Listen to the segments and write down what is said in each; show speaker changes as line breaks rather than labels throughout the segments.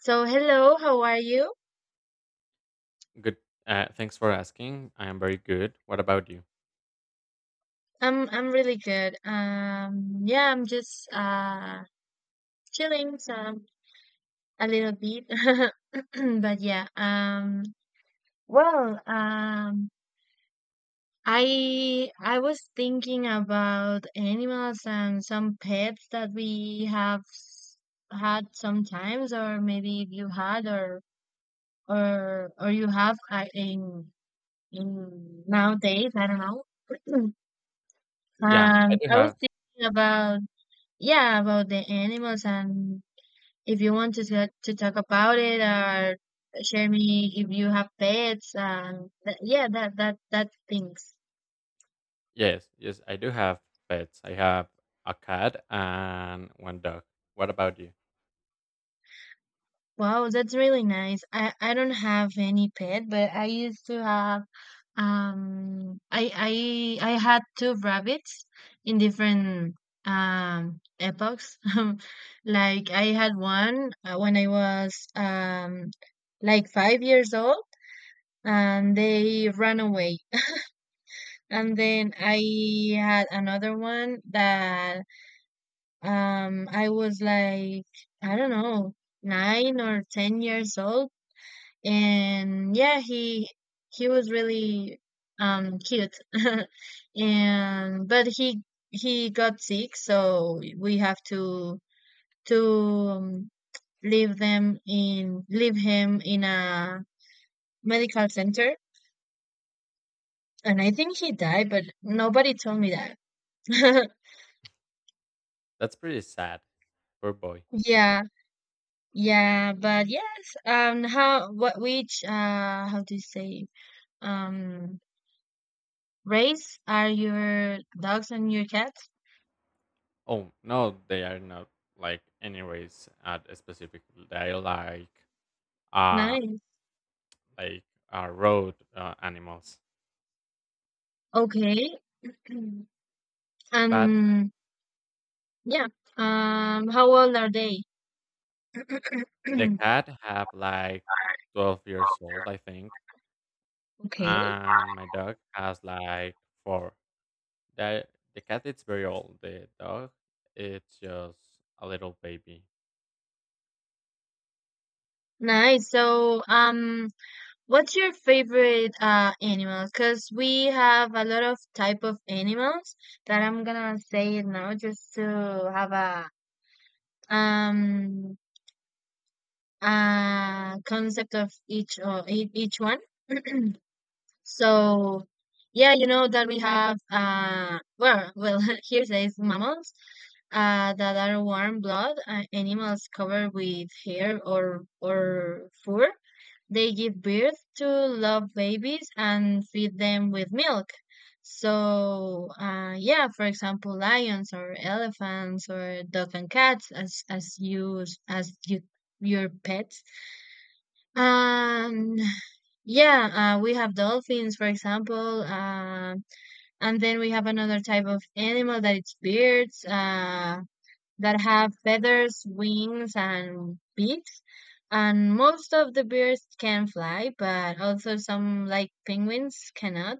So hello, how are you?
Good. Thanks for asking. I am very good. What about you?
I'm really good. Yeah, I'm just chilling some a little bit. But yeah, well, I was thinking about animals and some pets that we have had sometimes, or maybe if you had, or you have, in nowadays, I don't know.
Yeah, I do
I was
have.
thinking about Yeah, about the animals, and if you want to talk, about it, or share me if you have pets, and that, yeah, that things.
Yes, yes, I do have pets. I have a cat and one dog. What about you?
Wow, that's really nice. I don't have any pet, but I used to have, I had two rabbits in different, epochs. Like I had one, when I was, like 5 years old, and they ran away. And then I had another one that, I was like, I don't know, 9 or 10 years old, and yeah, he was really, cute, and but he got sick, so we have to um, leave him in a medical center, and I think he died, but nobody told me that.
That's pretty sad. Poor boy.
yeah. Yeah, but yes, how, what, which, how to say, um, race are your dogs and your cats?
Oh no, they are not like anyways at a specific. They are like uh
Nice.
like road animals.
Okay.
But
Um, yeah. How old are they?
the cat have like 12 years old, I think,
Okay.
and my dog has like 4. That the cat is very old. The dog, it's just a little baby.
Nice. So, what's your favorite, animal? Because we have a lot of type of animals that I'm gonna say it now, just to have a, um, concept of each, each one. So yeah, you know that we have, well, here says mammals, that are warm blood, animals covered with hair or fur. They give birth to love babies and feed them with milk. So, yeah, for example, lions or elephants or dog and cats, as your pets. um, yeah, we have dolphins, for example. And then we have another type of animal that it's birds, that have feathers, wings, and beaks. And most of the birds can fly, but also some, like penguins, cannot.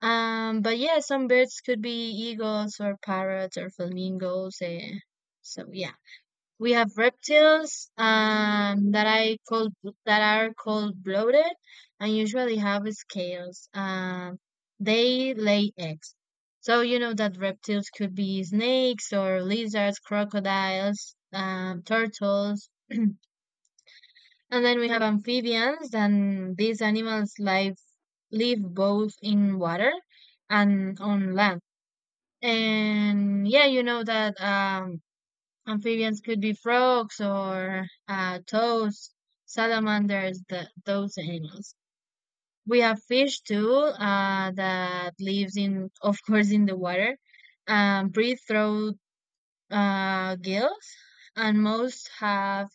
But yeah, some birds could be eagles or parrots or flamingos. So yeah. We have reptiles, that are cold blooded and usually have scales. They lay eggs. So you know that reptiles could be snakes or lizards, crocodiles, turtles, and then we have amphibians, and these animals live both in water and on land. And yeah, you know that, amphibians could be frogs, or toads, salamanders, those animals. We have fish too, that lives in, of course, in the water, breathe through, gills, and most have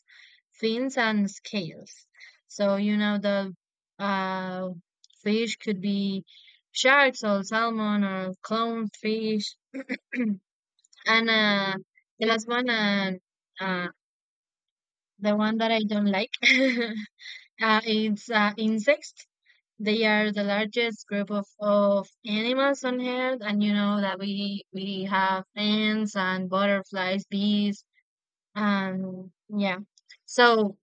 fins and scales. So you know the, uh, fish could be sharks or salmon or clownfish, and, the last one, uh, the one that I don't like, is, insects. They are the largest group of animals on Earth, and you know that we have ants and butterflies, bees, and yeah. So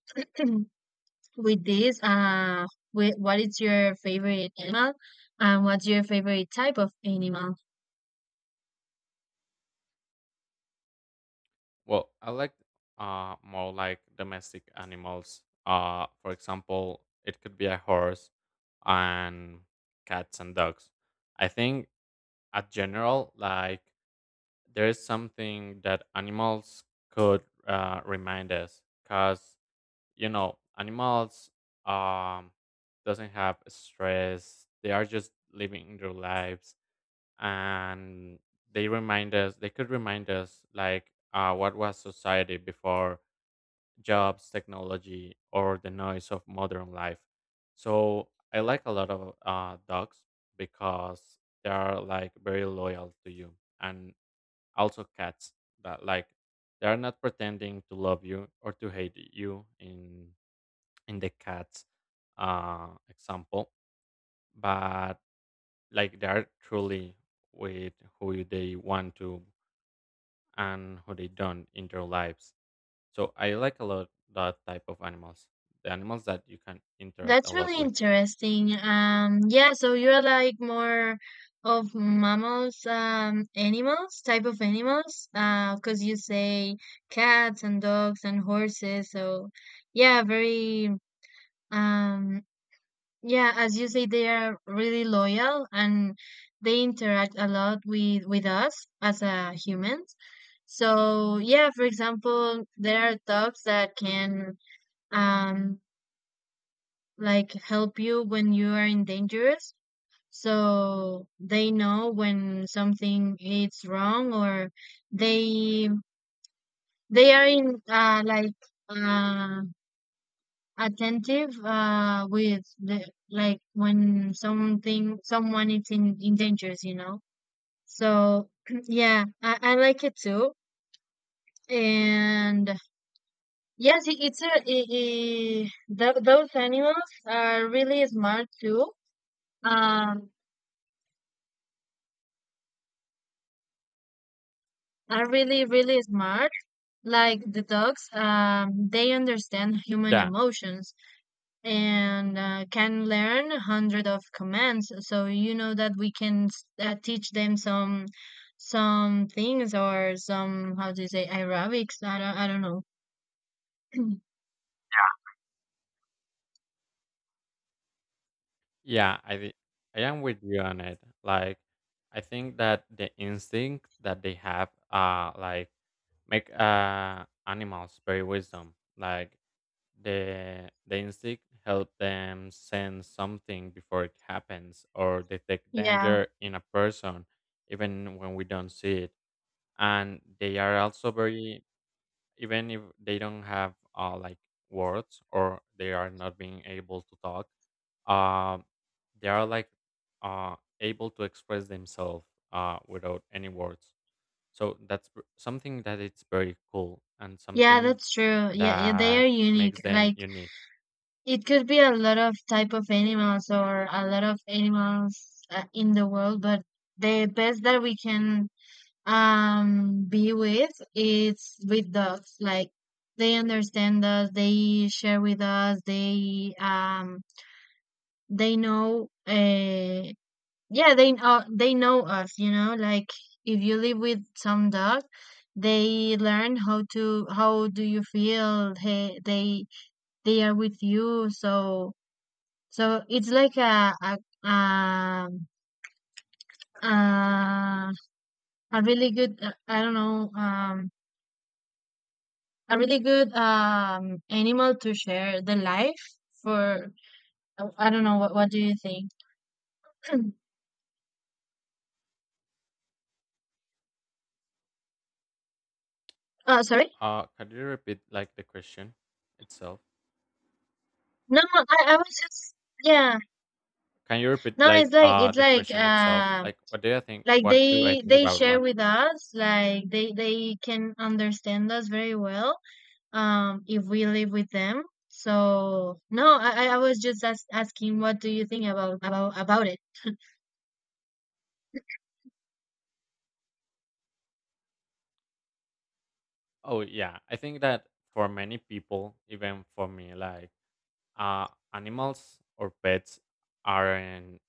with this, what is your favorite animal, and what's your favorite type of animal?
Well, I like more like domestic animals. For example, it could be a horse and cats and dogs. I think at general, like there is something that animals could remind us, cause you know animals um doesn't have stress. They are just living their lives, and they could remind us like what was society before jobs technology or the noise of modern life. So I like a lot of dogs because they are like very loyal to you, and also cats that like they are not pretending to love you or to hate you in the cats example. But like they are truly with who they want to and what they done in their lives. So I like a lot that type of animals, the animals that you can interact
That's
a lot
really
with.
interesting. Yeah, so you're like more of mammals, animals, type of animals, because you say cats and dogs and horses. So, yeah, very, um, yeah, as you say, they are really loyal and they interact a lot with us as, humans. So, yeah, for example, there are dogs that can. Um, like help you when you are in dangerous, so they know when something is wrong, or they they are in, like, uh attentive, with the, like when something someone is in dangerous, you know. So yeah, I like it too. And yes, it, it's a it, it, tho- those animals are really smart too, um are really really smart, like the dogs. They understand human
Yeah,
emotions, and, can learn 100 of commands, so you know that we can, teach them some things, or some, how do you say, aerobics, I don't know.
yeah, I am with you on it. Like I think that the instinct that they have, like make animals very wisdom. Like the instinct help them sense something before it happens or detect
Yeah,
danger in a person even when we don't see it, and they are also very even if they don't have like words, or they are not being able to talk. um they are like able to express themselves without any words. So that's something that it's very cool and
yeah,
something
that's true. Yeah, yeah, they
that
are unique,
makes them
like,
unique.
it could be a lot of type of animals or a lot of animals, in the world, but the best that we can, be with, it's with dogs. Like they understand us, they share with us, they, know, yeah, they know us, you know, like, if you live with some dog, they learn how to, how do you feel, they are with you. So, so it's like a, um uh, a really good, I don't know, a really good, animal to share the life for. I don't know, what do you think? Oh, sorry.
Can you repeat like the question itself?
No, no, I was just, yeah.
Can you repeat
No,
like
it's like,
the question itself, like
like
what do I
they
think
they
about
share
what?
with us, like they can understand us very well, if we live with them. So no, I was just as, asking what do you think about it?
Oh yeah, I think that for many people, even for me, like animals or pets aren't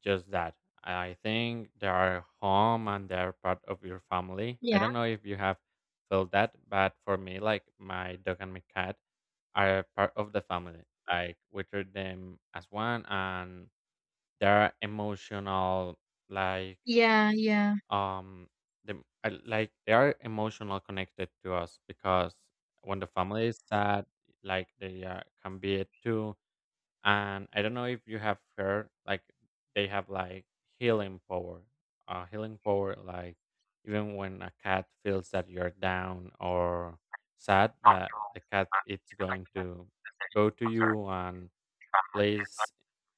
just that. I think they are home and they are part of your family. I
Yeah.
don't know if you have felt that, but for me, like my dog and my cat are part of the family. Like we treat them as one, and they are emotional, like
Yeah, yeah.
um, like they are emotional connected to us because when the family is sad, like can be it too. And I don't know if you have heard, like they have like healing power, healing power. Like even when a cat feels that you're down or sad, that the cat it's going to go to you and place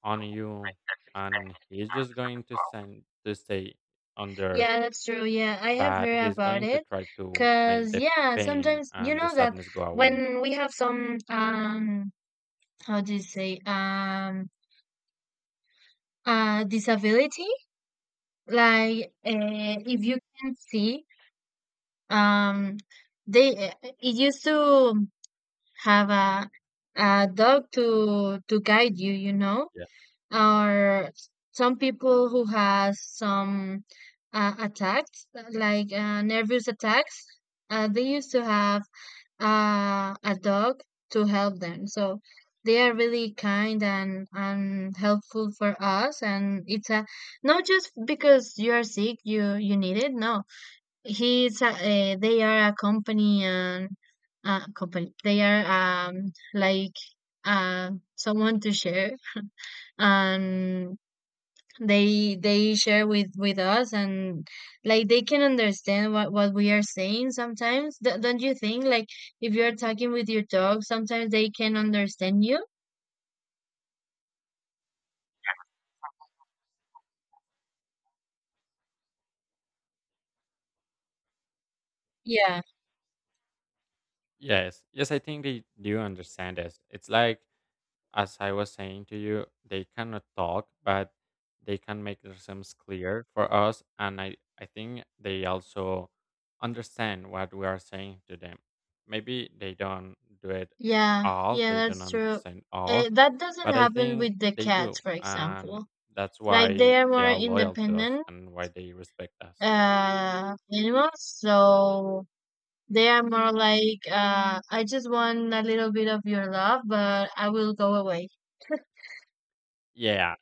on you, and he's just going to send to stay under,
Yeah, that's true. Yeah, I have
but
heard
he's
about
going to
it.
try to make
Cause
the
yeah,
pain
sometimes you
and the
know that
sadness go away.
when we have some, how do you say, disability, like, if you can see, um they, it used to have a dog to guide you, you know.
Yeah.
Or some people who has some, attacks, like, nervous attacks, they used to have, a dog to help them. So they are really kind and helpful for us, and it's a not just because you are sick you need it. No, they are a company, and, company they are, like, uh someone to share. And they share with us, and like they can understand what we are saying sometimes. Don't you think, like, if you're talking with your dog, sometimes they can understand you. Yeah,
Yes. Yes, I think they do understand this. It's like as I was saying to you, they cannot talk, but they can make themselves clear for us. And I think they also understand what we are saying to them. Maybe they don't do it
yeah,
all,
yeah,
they don't
that's true.
understand all,
That doesn't
but I
happen
think
with the
they
cats,
do.
for
And
example.
that's
Like
why
they are
they
more
are loyal to us
independent,
and why they respect us.
animals, so they are more like, I just want a little bit of your love, but I will go away.
Yeah.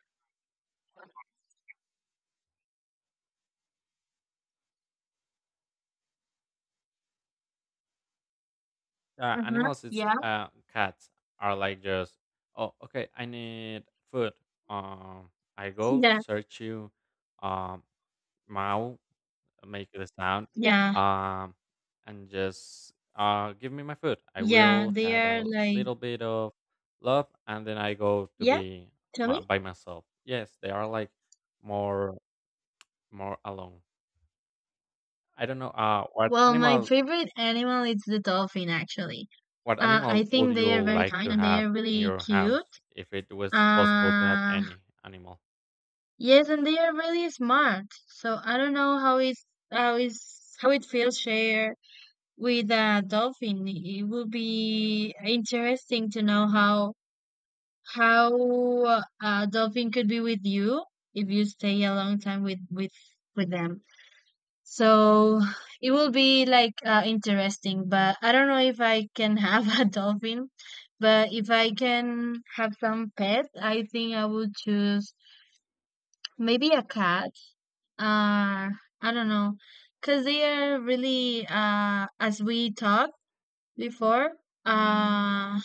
Yeah,
Uh-huh,
animals. It's
yeah.
cats are like just oh okay. I need food. Um, I go
Yeah,
search you, um, meow, make the sound,
yeah.
um, and just give me my food. I
Yeah,
will
they
have
are
a
like,
little bit of love, and then I go to
yeah,
be
tell me.
by myself. Yes, they are like more more alone. I don't know what
Well, my
animal.
favorite animal is the dolphin, actually.
What
I
animal would
think
you
they are very
like
kind,
to
and they
have
are
in
really
your
cute.
house if it was possible to have
Uh,
any animal?
yes, and they are really smart. So I don't know how is, how is how it feels share with a dolphin. It would be interesting to know how a dolphin could be with you, if you stay a long time with them. So it will be like, interesting, but I don't know if I can have a dolphin. But if I can have some pet, I think I would choose maybe a cat. Uh, I don't know, because they are really, as we talked before, uh,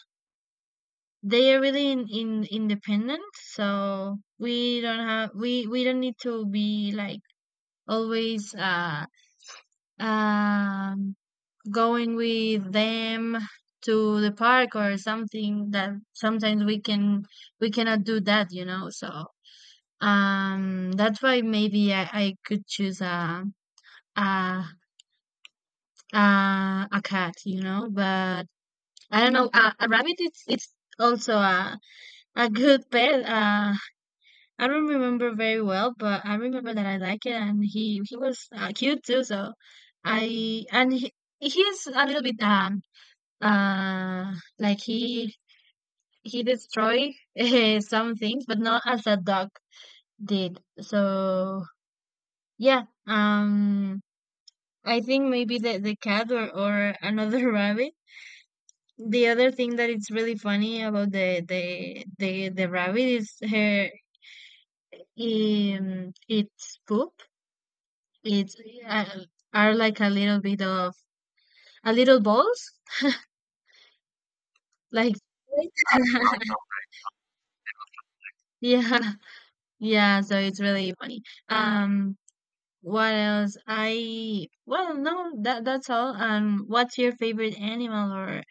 they are really, in independent. So we don't need to be like always, um going with them to the park, or something that sometimes we cannot do that, you know. So, that's why maybe, I could choose a a cat, you know. But I don't know, a rabbit, it's also a good pet. I don't remember very well, but I remember that I like it, and he was, cute too. So I and he, he's a little bit, like he destroyed some things, but not as a dog did. So yeah, I think maybe the cat, or another rabbit. The other thing that it's really funny about the rabbit is her, its poop. It's, uh, are like a little bit of a little balls, like. Yeah, yeah, so it's really funny. um What else? I Well, no, that's all. What's your favorite animal, or,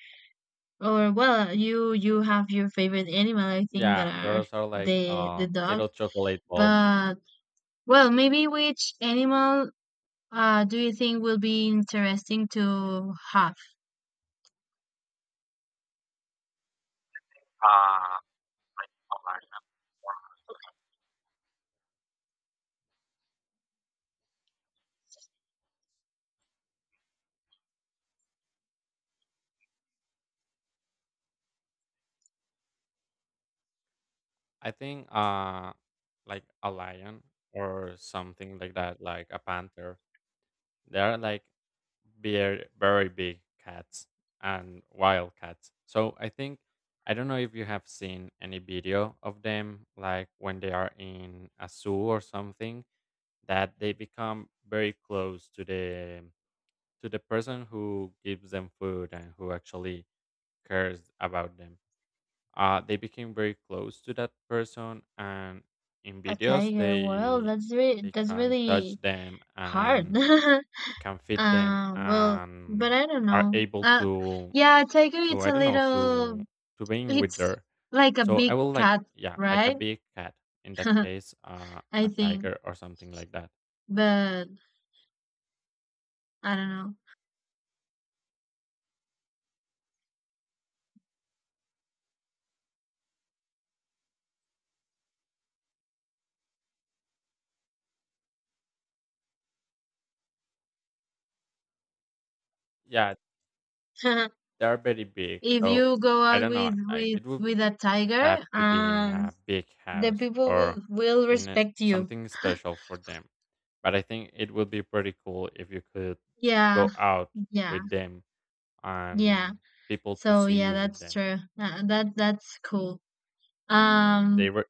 well, you have your favorite animal. I think that
Yeah,
are
those are like
the the dog.
little chocolate balls.
But well, maybe which animal, do you think, will be interesting to have?
I think like a lion or something like that, like a panther. They're like very very big cats and wild cats. So I think I don't know if you have seen any video of them, like when they are in a zoo or something, that they become very close to the person who gives them food and who actually cares about them. They became very close to that person, and in
A
videos
tiger. Well,
they
that's really,
they can touch them
hard.
and can feed them
Well, but
and
I don't
are
know.
able
Uh,
to
yeah, tiger.
to I don't know to being with
It's
her.
like a
So I
big
will like
cat,
yeah like a
right?
big cat, in that case
I
a
think,
tiger or something like that.
but I don't
Yeah,
know.
they are very big,
If
so
you go
I
out
don't know.
with with
It would
with a tiger,
have to be in a big
the
house
people will
or
will respect you.
something special for them. But I think it would be pretty cool if you could
Yeah,
go out
yeah,
with them
yeah.
and people to
So
see
yeah,
you with
that's
them.
true. That's cool.
They
Um,
were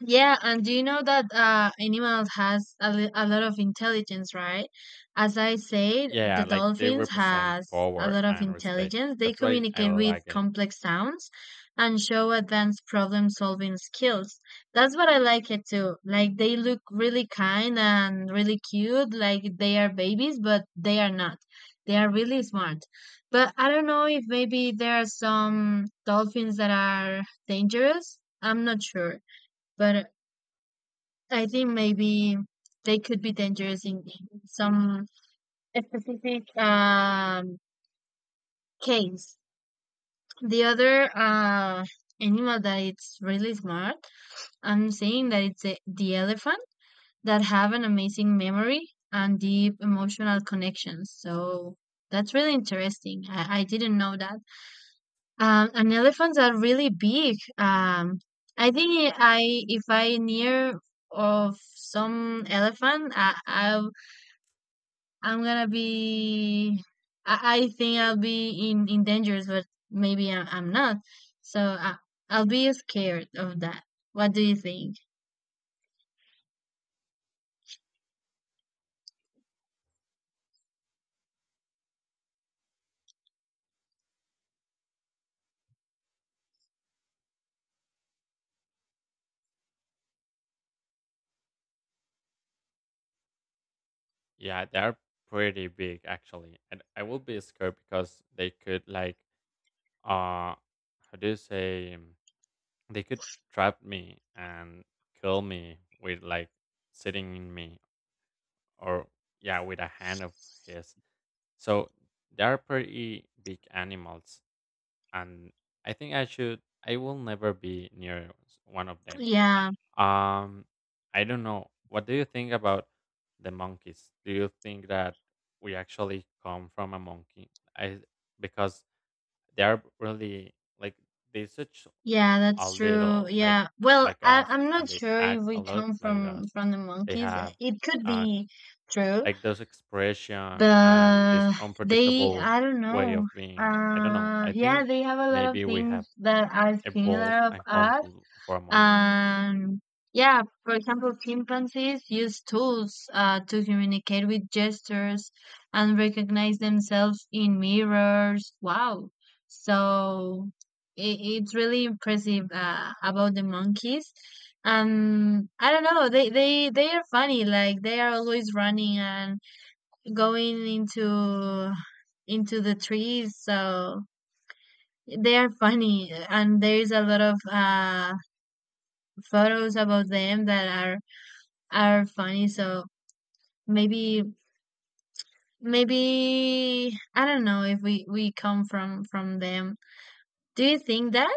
Yeah, and do you know that, animals has a, a lot of intelligence, right? As I said, the
yeah, like they
dolphins
represent
has a
power
lot of
and respect.
intelligence. They
That's why I
communicate with
like it.
complex sounds and show advanced problem solving skills. That's what I like it too. Like they look really kind and really cute, like they are babies, but they are not. They are really smart. But I don't know if maybe there are some dolphins that are dangerous. I'm not sure. But I think maybe they could be dangerous in some specific case. The other animal that it's really smart, I'm saying that it's the elephant that have an amazing memory and deep emotional connections. So that's really interesting. I didn't know that. And elephants are really big. I think I if I near of some elephant, I, I'm gonna be. I think I'll be in dangers, but maybe I'm not. So I, I'll be scared of that. What do you think?
Yeah, they are pretty big actually, and I will be scared because they could like uh how do you say? They could trap me and kill me with like sitting in me or yeah, with a hand of his. So they are pretty big animals, and I think I will never be near one of them.
Yeah,
Um I don't know. What do you think about the monkeys? Do you think that we actually come from a monkey? I Because they are really like they're such
yeah,
a
that's true.
little like
Yeah. Well,
like us,
I'm not
and they
sure if
act a
we
lot
come
like
from
us.
from the
They
monkeys.
have
It could
uh,
be true,
like those expression and this
but they.
unpredictable
I don't
way
know.
of being. I don't know. I
Yeah,
think
they have a lot of
maybe we have
things that are
evolved
similar of
and come
us.
full for a monkey.
Um, yeah, for example, chimpanzees use tools to communicate with gestures and recognize themselves in mirrors. Wow. So it's really impressive about the monkeys. I don't know. They are funny. Like they are always running and going into the trees. So they are funny, and there is a lot of photos about them that are funny. So maybe maybe I don't know if we come from them. Do you think that?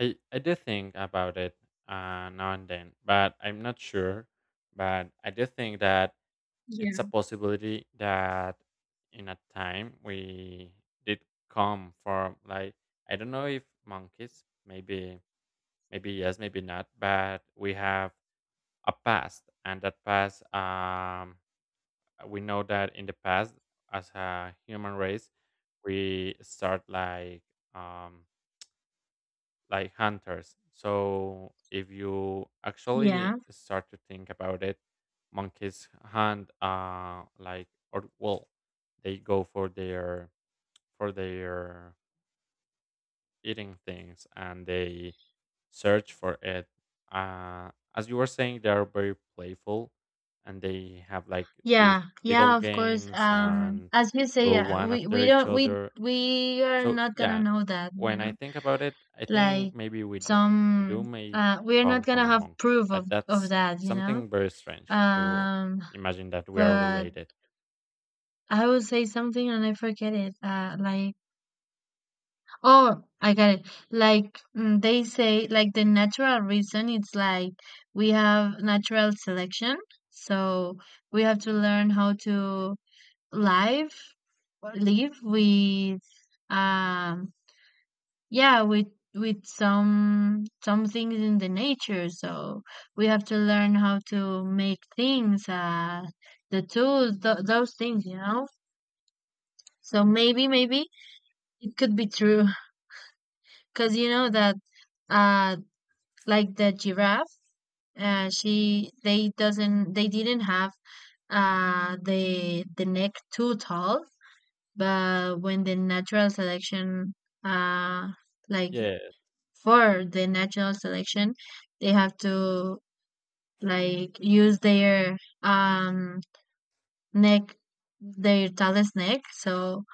I do think about it now and then, but I'm not sure. But I do think that
Yeah.
it's a possibility that in a time we did come from, like I don't know if monkeys, maybe yes, maybe not, but we have a past, and that past we know that in the past, as a human race, we start um like hunters. So if you
Yeah.
actually start to think about it, monkeys hunt like or well, they go for their eating things, and they search for it. As you were saying, they are very playful, and they have like these
Yeah.
little
Yeah, of course.
games
Um,
and
as you say,
go one after
we
each
don't
other.
we are
So
not gonna
yeah,
know that, you
when I
know.
think about it, I
Like
think maybe we do. We do
some
may
we're not
come
gonna
from a
have
monkey,
proof of
but
of
that's
that, you know.
something very strange to
Um
imagine that we are
but
related.
I would say something and I forget it. Uh, like oh, I got it. Like they say, like the natural reason, it's like we have natural selection. So we have to learn how to live, live with, um, yeah, with some things in the nature. So we have to learn how to make things, the tools, th those things, you know. So maybe it could be true, because you know that uh like the giraffe she they doesn't they didn't have the neck too tall, but when the natural selection uh like
Yeah,
for the natural selection they have to like use their um neck, their tallest neck. So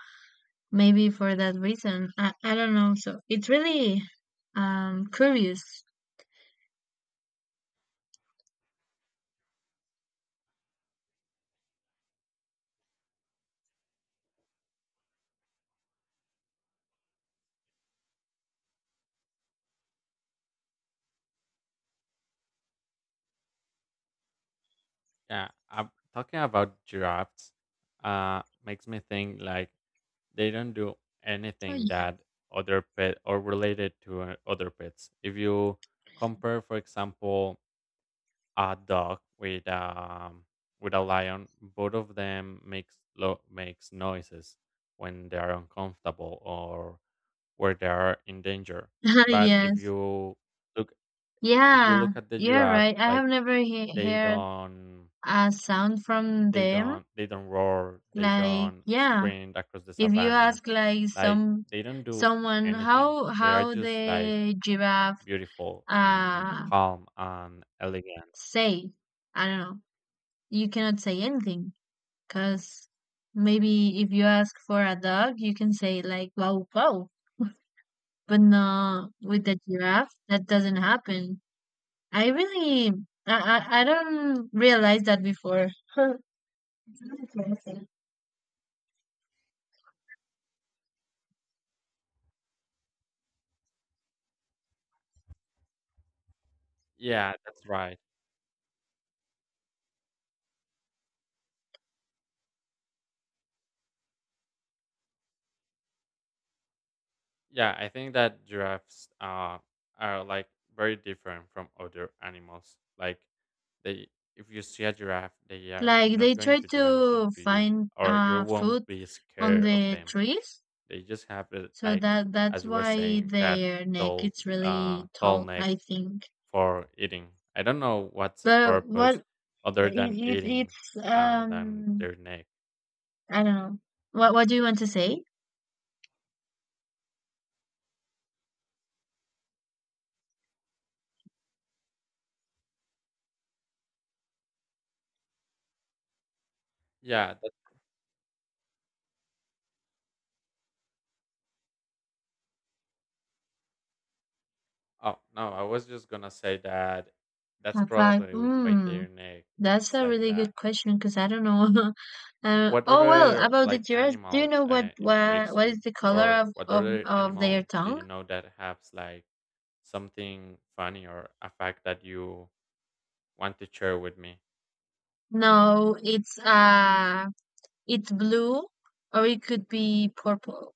maybe for that reason I don't know, so it's really curious.
yeah. Talking about giraffes, makes me think like they don't do
Oh
anything
yeah.
that other pet or related to other pets. If you compare, for example, a dog with a lion, both of them makes makes noises when they are uncomfortable or where they are in danger. But
Yes,
look if you
yeah,
look at the
you're
giraffe,
right. I
like
have never he
they
heard
don't
a sound from them.
they don't roar, they
Like,
don't
yeah,
sprint across the
if you
savannah,
ask like
like
some
they don't do
someone
anything. They are
how
just like
the giraffe
beautiful and
uh
calm and elegant.
say, I don't know, you cannot say anything because maybe if you ask for a dog, you can say like wow wow, but no, with the giraffe that doesn't happen. I really, I don't realize that before.
Yeah, that's right. Yeah, I think that giraffes are like very different from other animals. Like they, if you see a giraffe, they are
Like they
not going
try
to do anything
to
to you,
find
or you won't
food
be
on
scared of
the
them.
trees,
They just have
so
like,
that's
as you were
why
saying, that
their neck
tall,
is
uh,
really
tall
tall,
neck
I think.
for eating. I don't know what's the
But
purpose
what
other than
it
eating,
it's
than their neck.
I don't know. What do you want to say?
Yeah, oh, no, I was just gonna say that that's
In fact,
probably why their neck
that's
it's
a
like
really good
that.
question because I don't know.
What
Oh well,
other
about the
like
giraffes, do you
animal
know
intrigues
what
you,
is the color
or
of
what
of
other
of their
animal do
tongue?
you know that has like something funny or a fact that you want to share with me?
No, it's it's blue or it could be purple.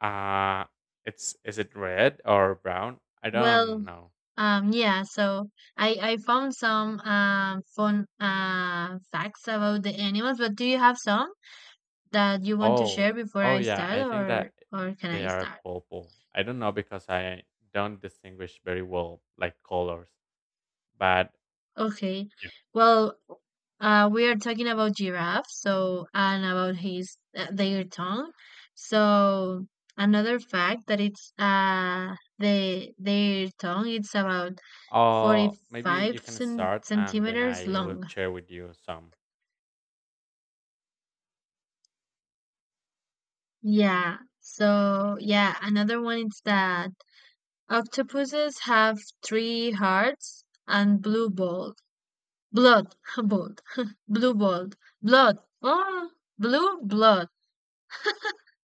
Uh it's Is it red or brown? I don't
Well,
know.
yeah, so I found some fun facts about the animals, but do you have some that you want to share
Oh,
before
oh
I
yeah,
start
I think that
or can
they
I
are
start?
purple. I don't know because I don't distinguish very well like colors, but
Okay.
yeah.
Well, we are talking about giraffes, so and about his their tongue. So another fact that it's their tongue it's about
Maybe you
45
can
cen-
start, and then
centimeters
I will
long.
share with you some.
Yeah. So, yeah, another one is that octopuses have three hearts and blue bold. Blood, bold, blue bold, blood, oh, blue blood.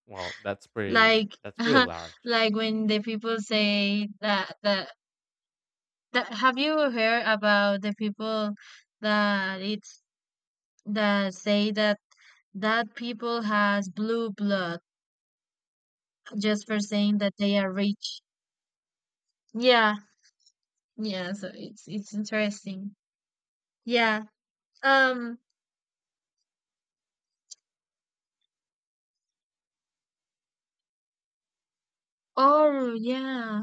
Well, that's pretty.
Like,
That's pretty large.
like when the people say that, that, have you heard about the people that that say that that people has blue blood? Just for saying that they are rich. Yeah, yeah. So it's interesting. Yeah. Um. Oh yeah.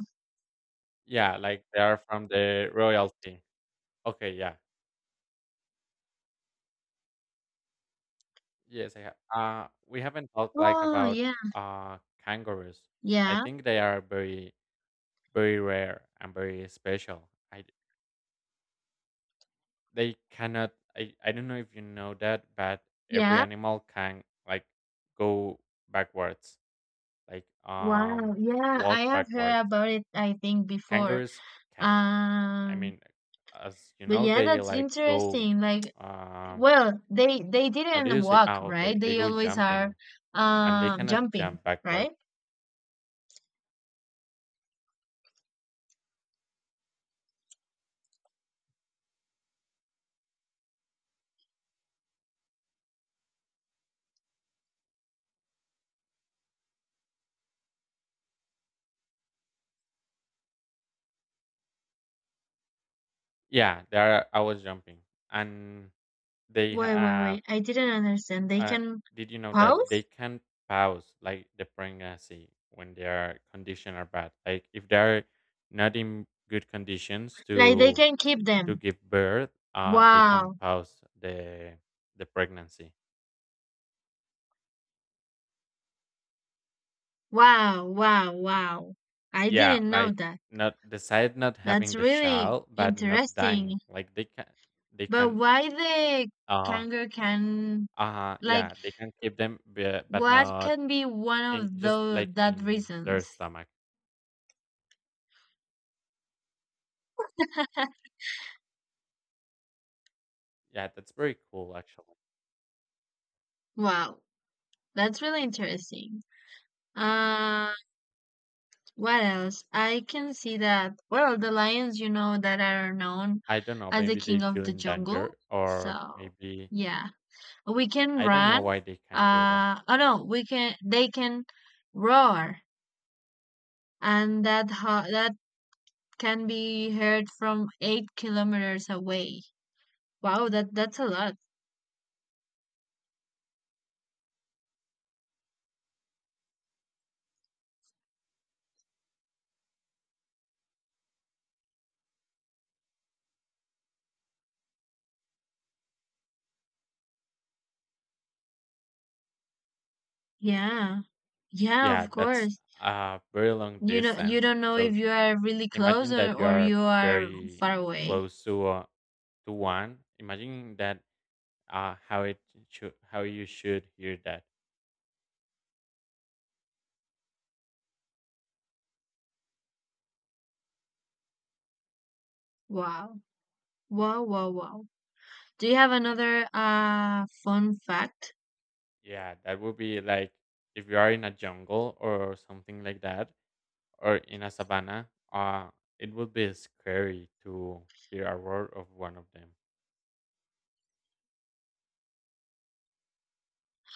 Yeah, like they are from the royalty. Okay, yeah, yes, I have. We haven't talked like
Oh
about
yeah.
uh kangaroos. I
Yeah.
think they are very, very rare and very special. I They cannot. I don't know if you know that, but every
Yeah.
animal can like go backwards, like
Wow. Yeah. I
walk
have
backwards.
heard about it. I think before.
Kangaroos can't. I
Um.
mean, as you
But
know,
yeah,
they
that's
like go.
interesting. Like,
Um,
well, they
how do
didn't
you say?
walk,
Ah, okay.
right?
They
They
go
always are,
jumping, and they cannot
jumping,
jump backwards.
right?
Yeah, they are always jumping, and they
Wait, wait,
have.
wait. I didn't understand. They
Uh,
can
did you know that they
pause?
can pause like the pregnancy when their condition are bad? Like if they are not in good conditions
Like they
to
can keep
to
them.
give birth, they can
Wow.
pause the pregnancy.
Wow, wow, wow. I
Yeah,
didn't know
like
that.
not decide not
That's
having the
really
child but not dying.
interesting.
Like they
But
can
why the
uh
kangaroo can like
yeah, they can keep them, but
what
not
can be one
in
of
just
those
like
that
in their
reasons?
stomach. Yeah, that's very cool actually.
Wow, that's really interesting. Uh, what else? I can see that. Well, the lions, you know, that are known
I don't know,
as the
maybe they
king of
feel
the
in
jungle.
danger, or
So,
maybe
yeah, we can
I don't know
run.
why they can do that.
Oh no, we can. They can roar, and that ho that can be heard from 8 kilometers away. Wow, that that's a lot. Yeah, yeah,
Yeah,
of
that's
course.
a very long
You know, you
distance,
don't know
so
if you are really close,
imagine that you
or
are
you are
very
far away.
close to one. Imagine that uh, how it how you should hear that.
Wow, wow, wow, wow. Do you have another fun fact?
Yeah, that would be like if you are in a jungle or something like that, or in a savannah. It would be scary to hear a roar of one of them.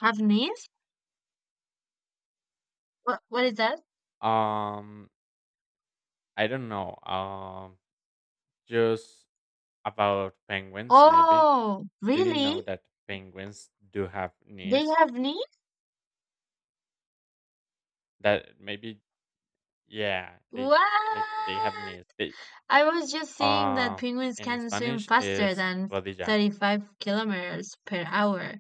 Have knees? What is that?
Um, I don't know. Just about penguins, maybe.
Oh,
Do you know
really?
that penguins do have
They
knees?
have knees?
That maybe, yeah,
Wow.
they have knees. They
I was just seeing that
uh,
penguins
in
can swim
Spanish
faster
is
than
rodilla.
35 kilometers per hour,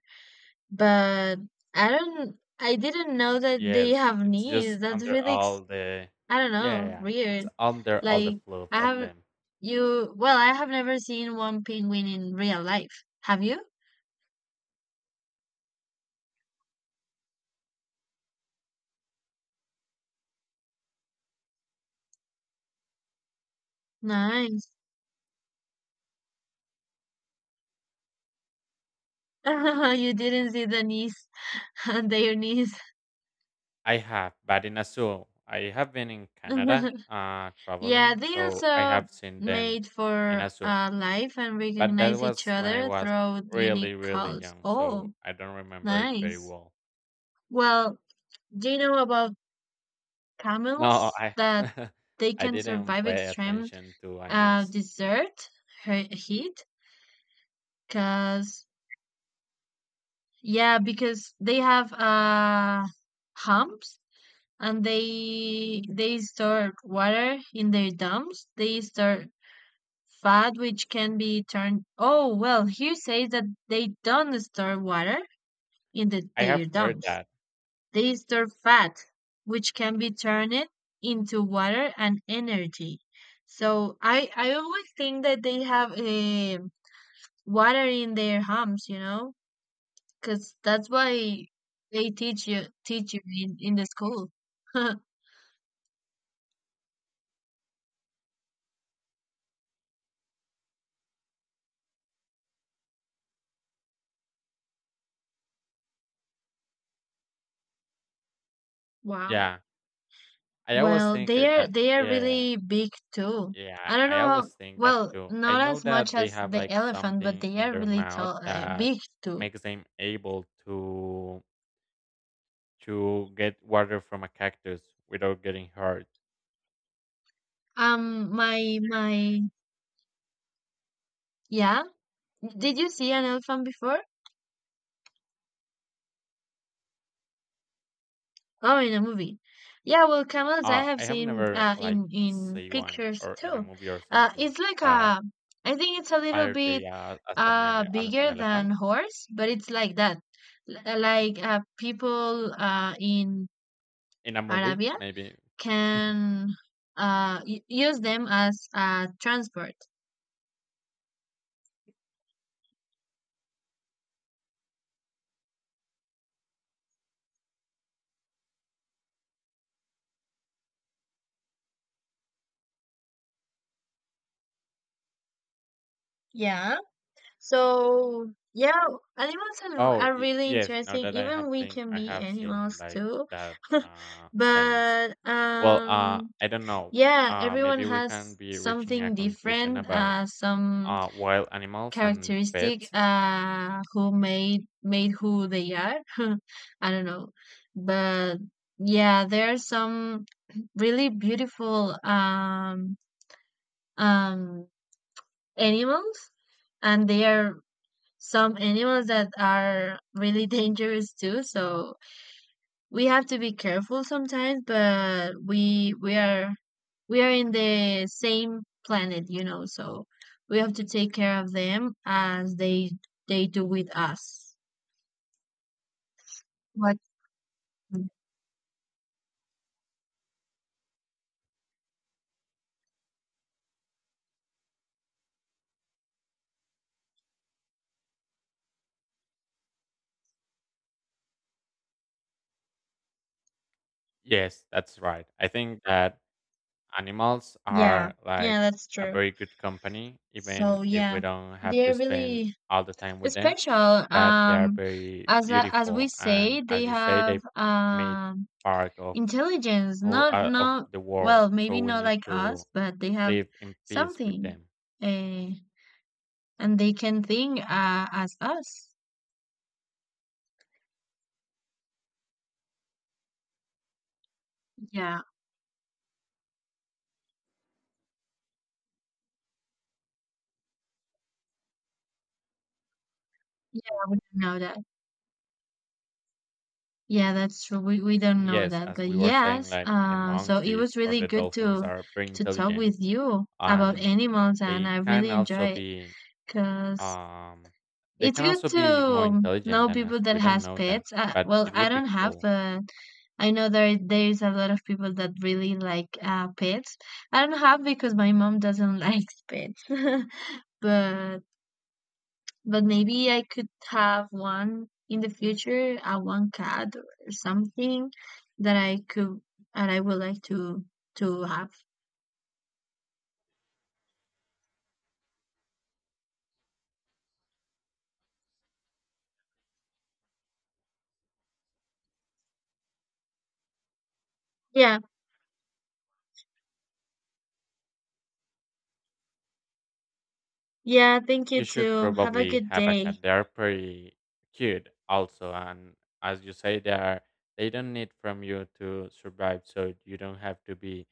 but I didn't know that they
Yes,
have
it's just
knees. That's
under
really,
all
ex-
the
I don't
yeah,
know,
yeah, it's
weird.
under all the
Like,
fluff
I
of
have,
them.
well, I have never seen one penguin in real life. Have you? Nice. You didn't see the knees, their knees.
I have, but in Azul, I have been in Canada,
Yeah,
traveling,
they
so I
also
have seen them
made
in
for
Azul,
life and
but that
recognize each
was when I
other
was
through unique
really, really
calls.
young, so
Oh,
I don't remember it very
nice.
well.
Well, do you know about
No,
camels that they
I
can
didn't
survive
pay
extreme
attention to Anis.
desert he- heat? Cause yeah, because they have humps, and they store water in their dumps. They store fat which can be turned. Oh, well, here says that they don't store water in
I
their
have heard
dumps.
that.
They store fat, which can be turned into water and energy. So I always think that they have water in their homes, you know, because that's why they teach you in the school. Wow.
Yeah, I always
Well,
think it that.
they are
Yeah, yeah,
really big too. I
yeah,
don't
I always
know,
think that
well,
too. I
not
know
as much
that they
as
have
the
like
elephant, but
something
they
in
are
their
really
mouth
tall,
that
big too.
makes them able to get water from a cactus without getting hurt.
My my Yeah. Did you see an elephant before? Oh, in a movie. Yeah, well, camels I have
I have
seen
never like
in
see one
pictures
or in a
too.
movie or something,
It's like
but
a, I think it's a little
are
bit
they as an
bigger than
elephant
horse, but it's like that. L- like people in
in a movie?
Arabia
Maybe.
can y- use them as transport. Yeah. So yeah, animals
Oh,
are really
yes, now
interesting.
that
Even we can
I
be
have seen
animals
like
too.
that sense.
But
Well, I don't know.
yeah, everyone
Maybe we can
has
be reaching a
something
conclusion
different,
about
uh, some
wild animals and
characteristic
pets.
who made made who they are. I don't know. But yeah, there are some really beautiful um, animals, and there are some animals that are really dangerous too. So we have to be careful sometimes, but we are we are in the same planet, you know. So we have to take care of them as they do with us. But
Yes, that's right. I think that animals
yeah,
are like
yeah, that's
a
true.
very good company, even
So
if we
yeah,
don't have to
they're
spend
really
all the time with them.
special.
But they are very
As a- as we
beautiful,
say,
and
they
as you say,
have
they made part of
intelligence, not
of
not
the world.
well,
So
maybe
we
not
need
like
to
us, but they have
live in peace with
something
them.
uh, and they can think as us. Yeah. Yeah. We don't know that. Yeah, that's true. We don't know
Yes,
that,
as
but
we were saying,
yes,
like the
so it was
monkeys or
really
the
good
dolphins are very
to talk
intelligent,
with you about
and
animals, and
they
I
can
really enjoy
also
it
be
because
um they
it's
can
good
also be more
to
intelligent
know
than
people
us.
that
We don't
has
know that,
pets,
but
well,
it
I
would be
don't have,
cool.
but I know there there's a lot of people that really like pets. I don't have because my mom doesn't like pets. But but maybe I could have one in the future, one cat or something that I could and I would like to have. Yeah. Yeah, thank you
You should
too. Have a
probably
good
have a
day.
cat. They're pretty cute also, and as you say, they don't need from you to survive, so you don't have to be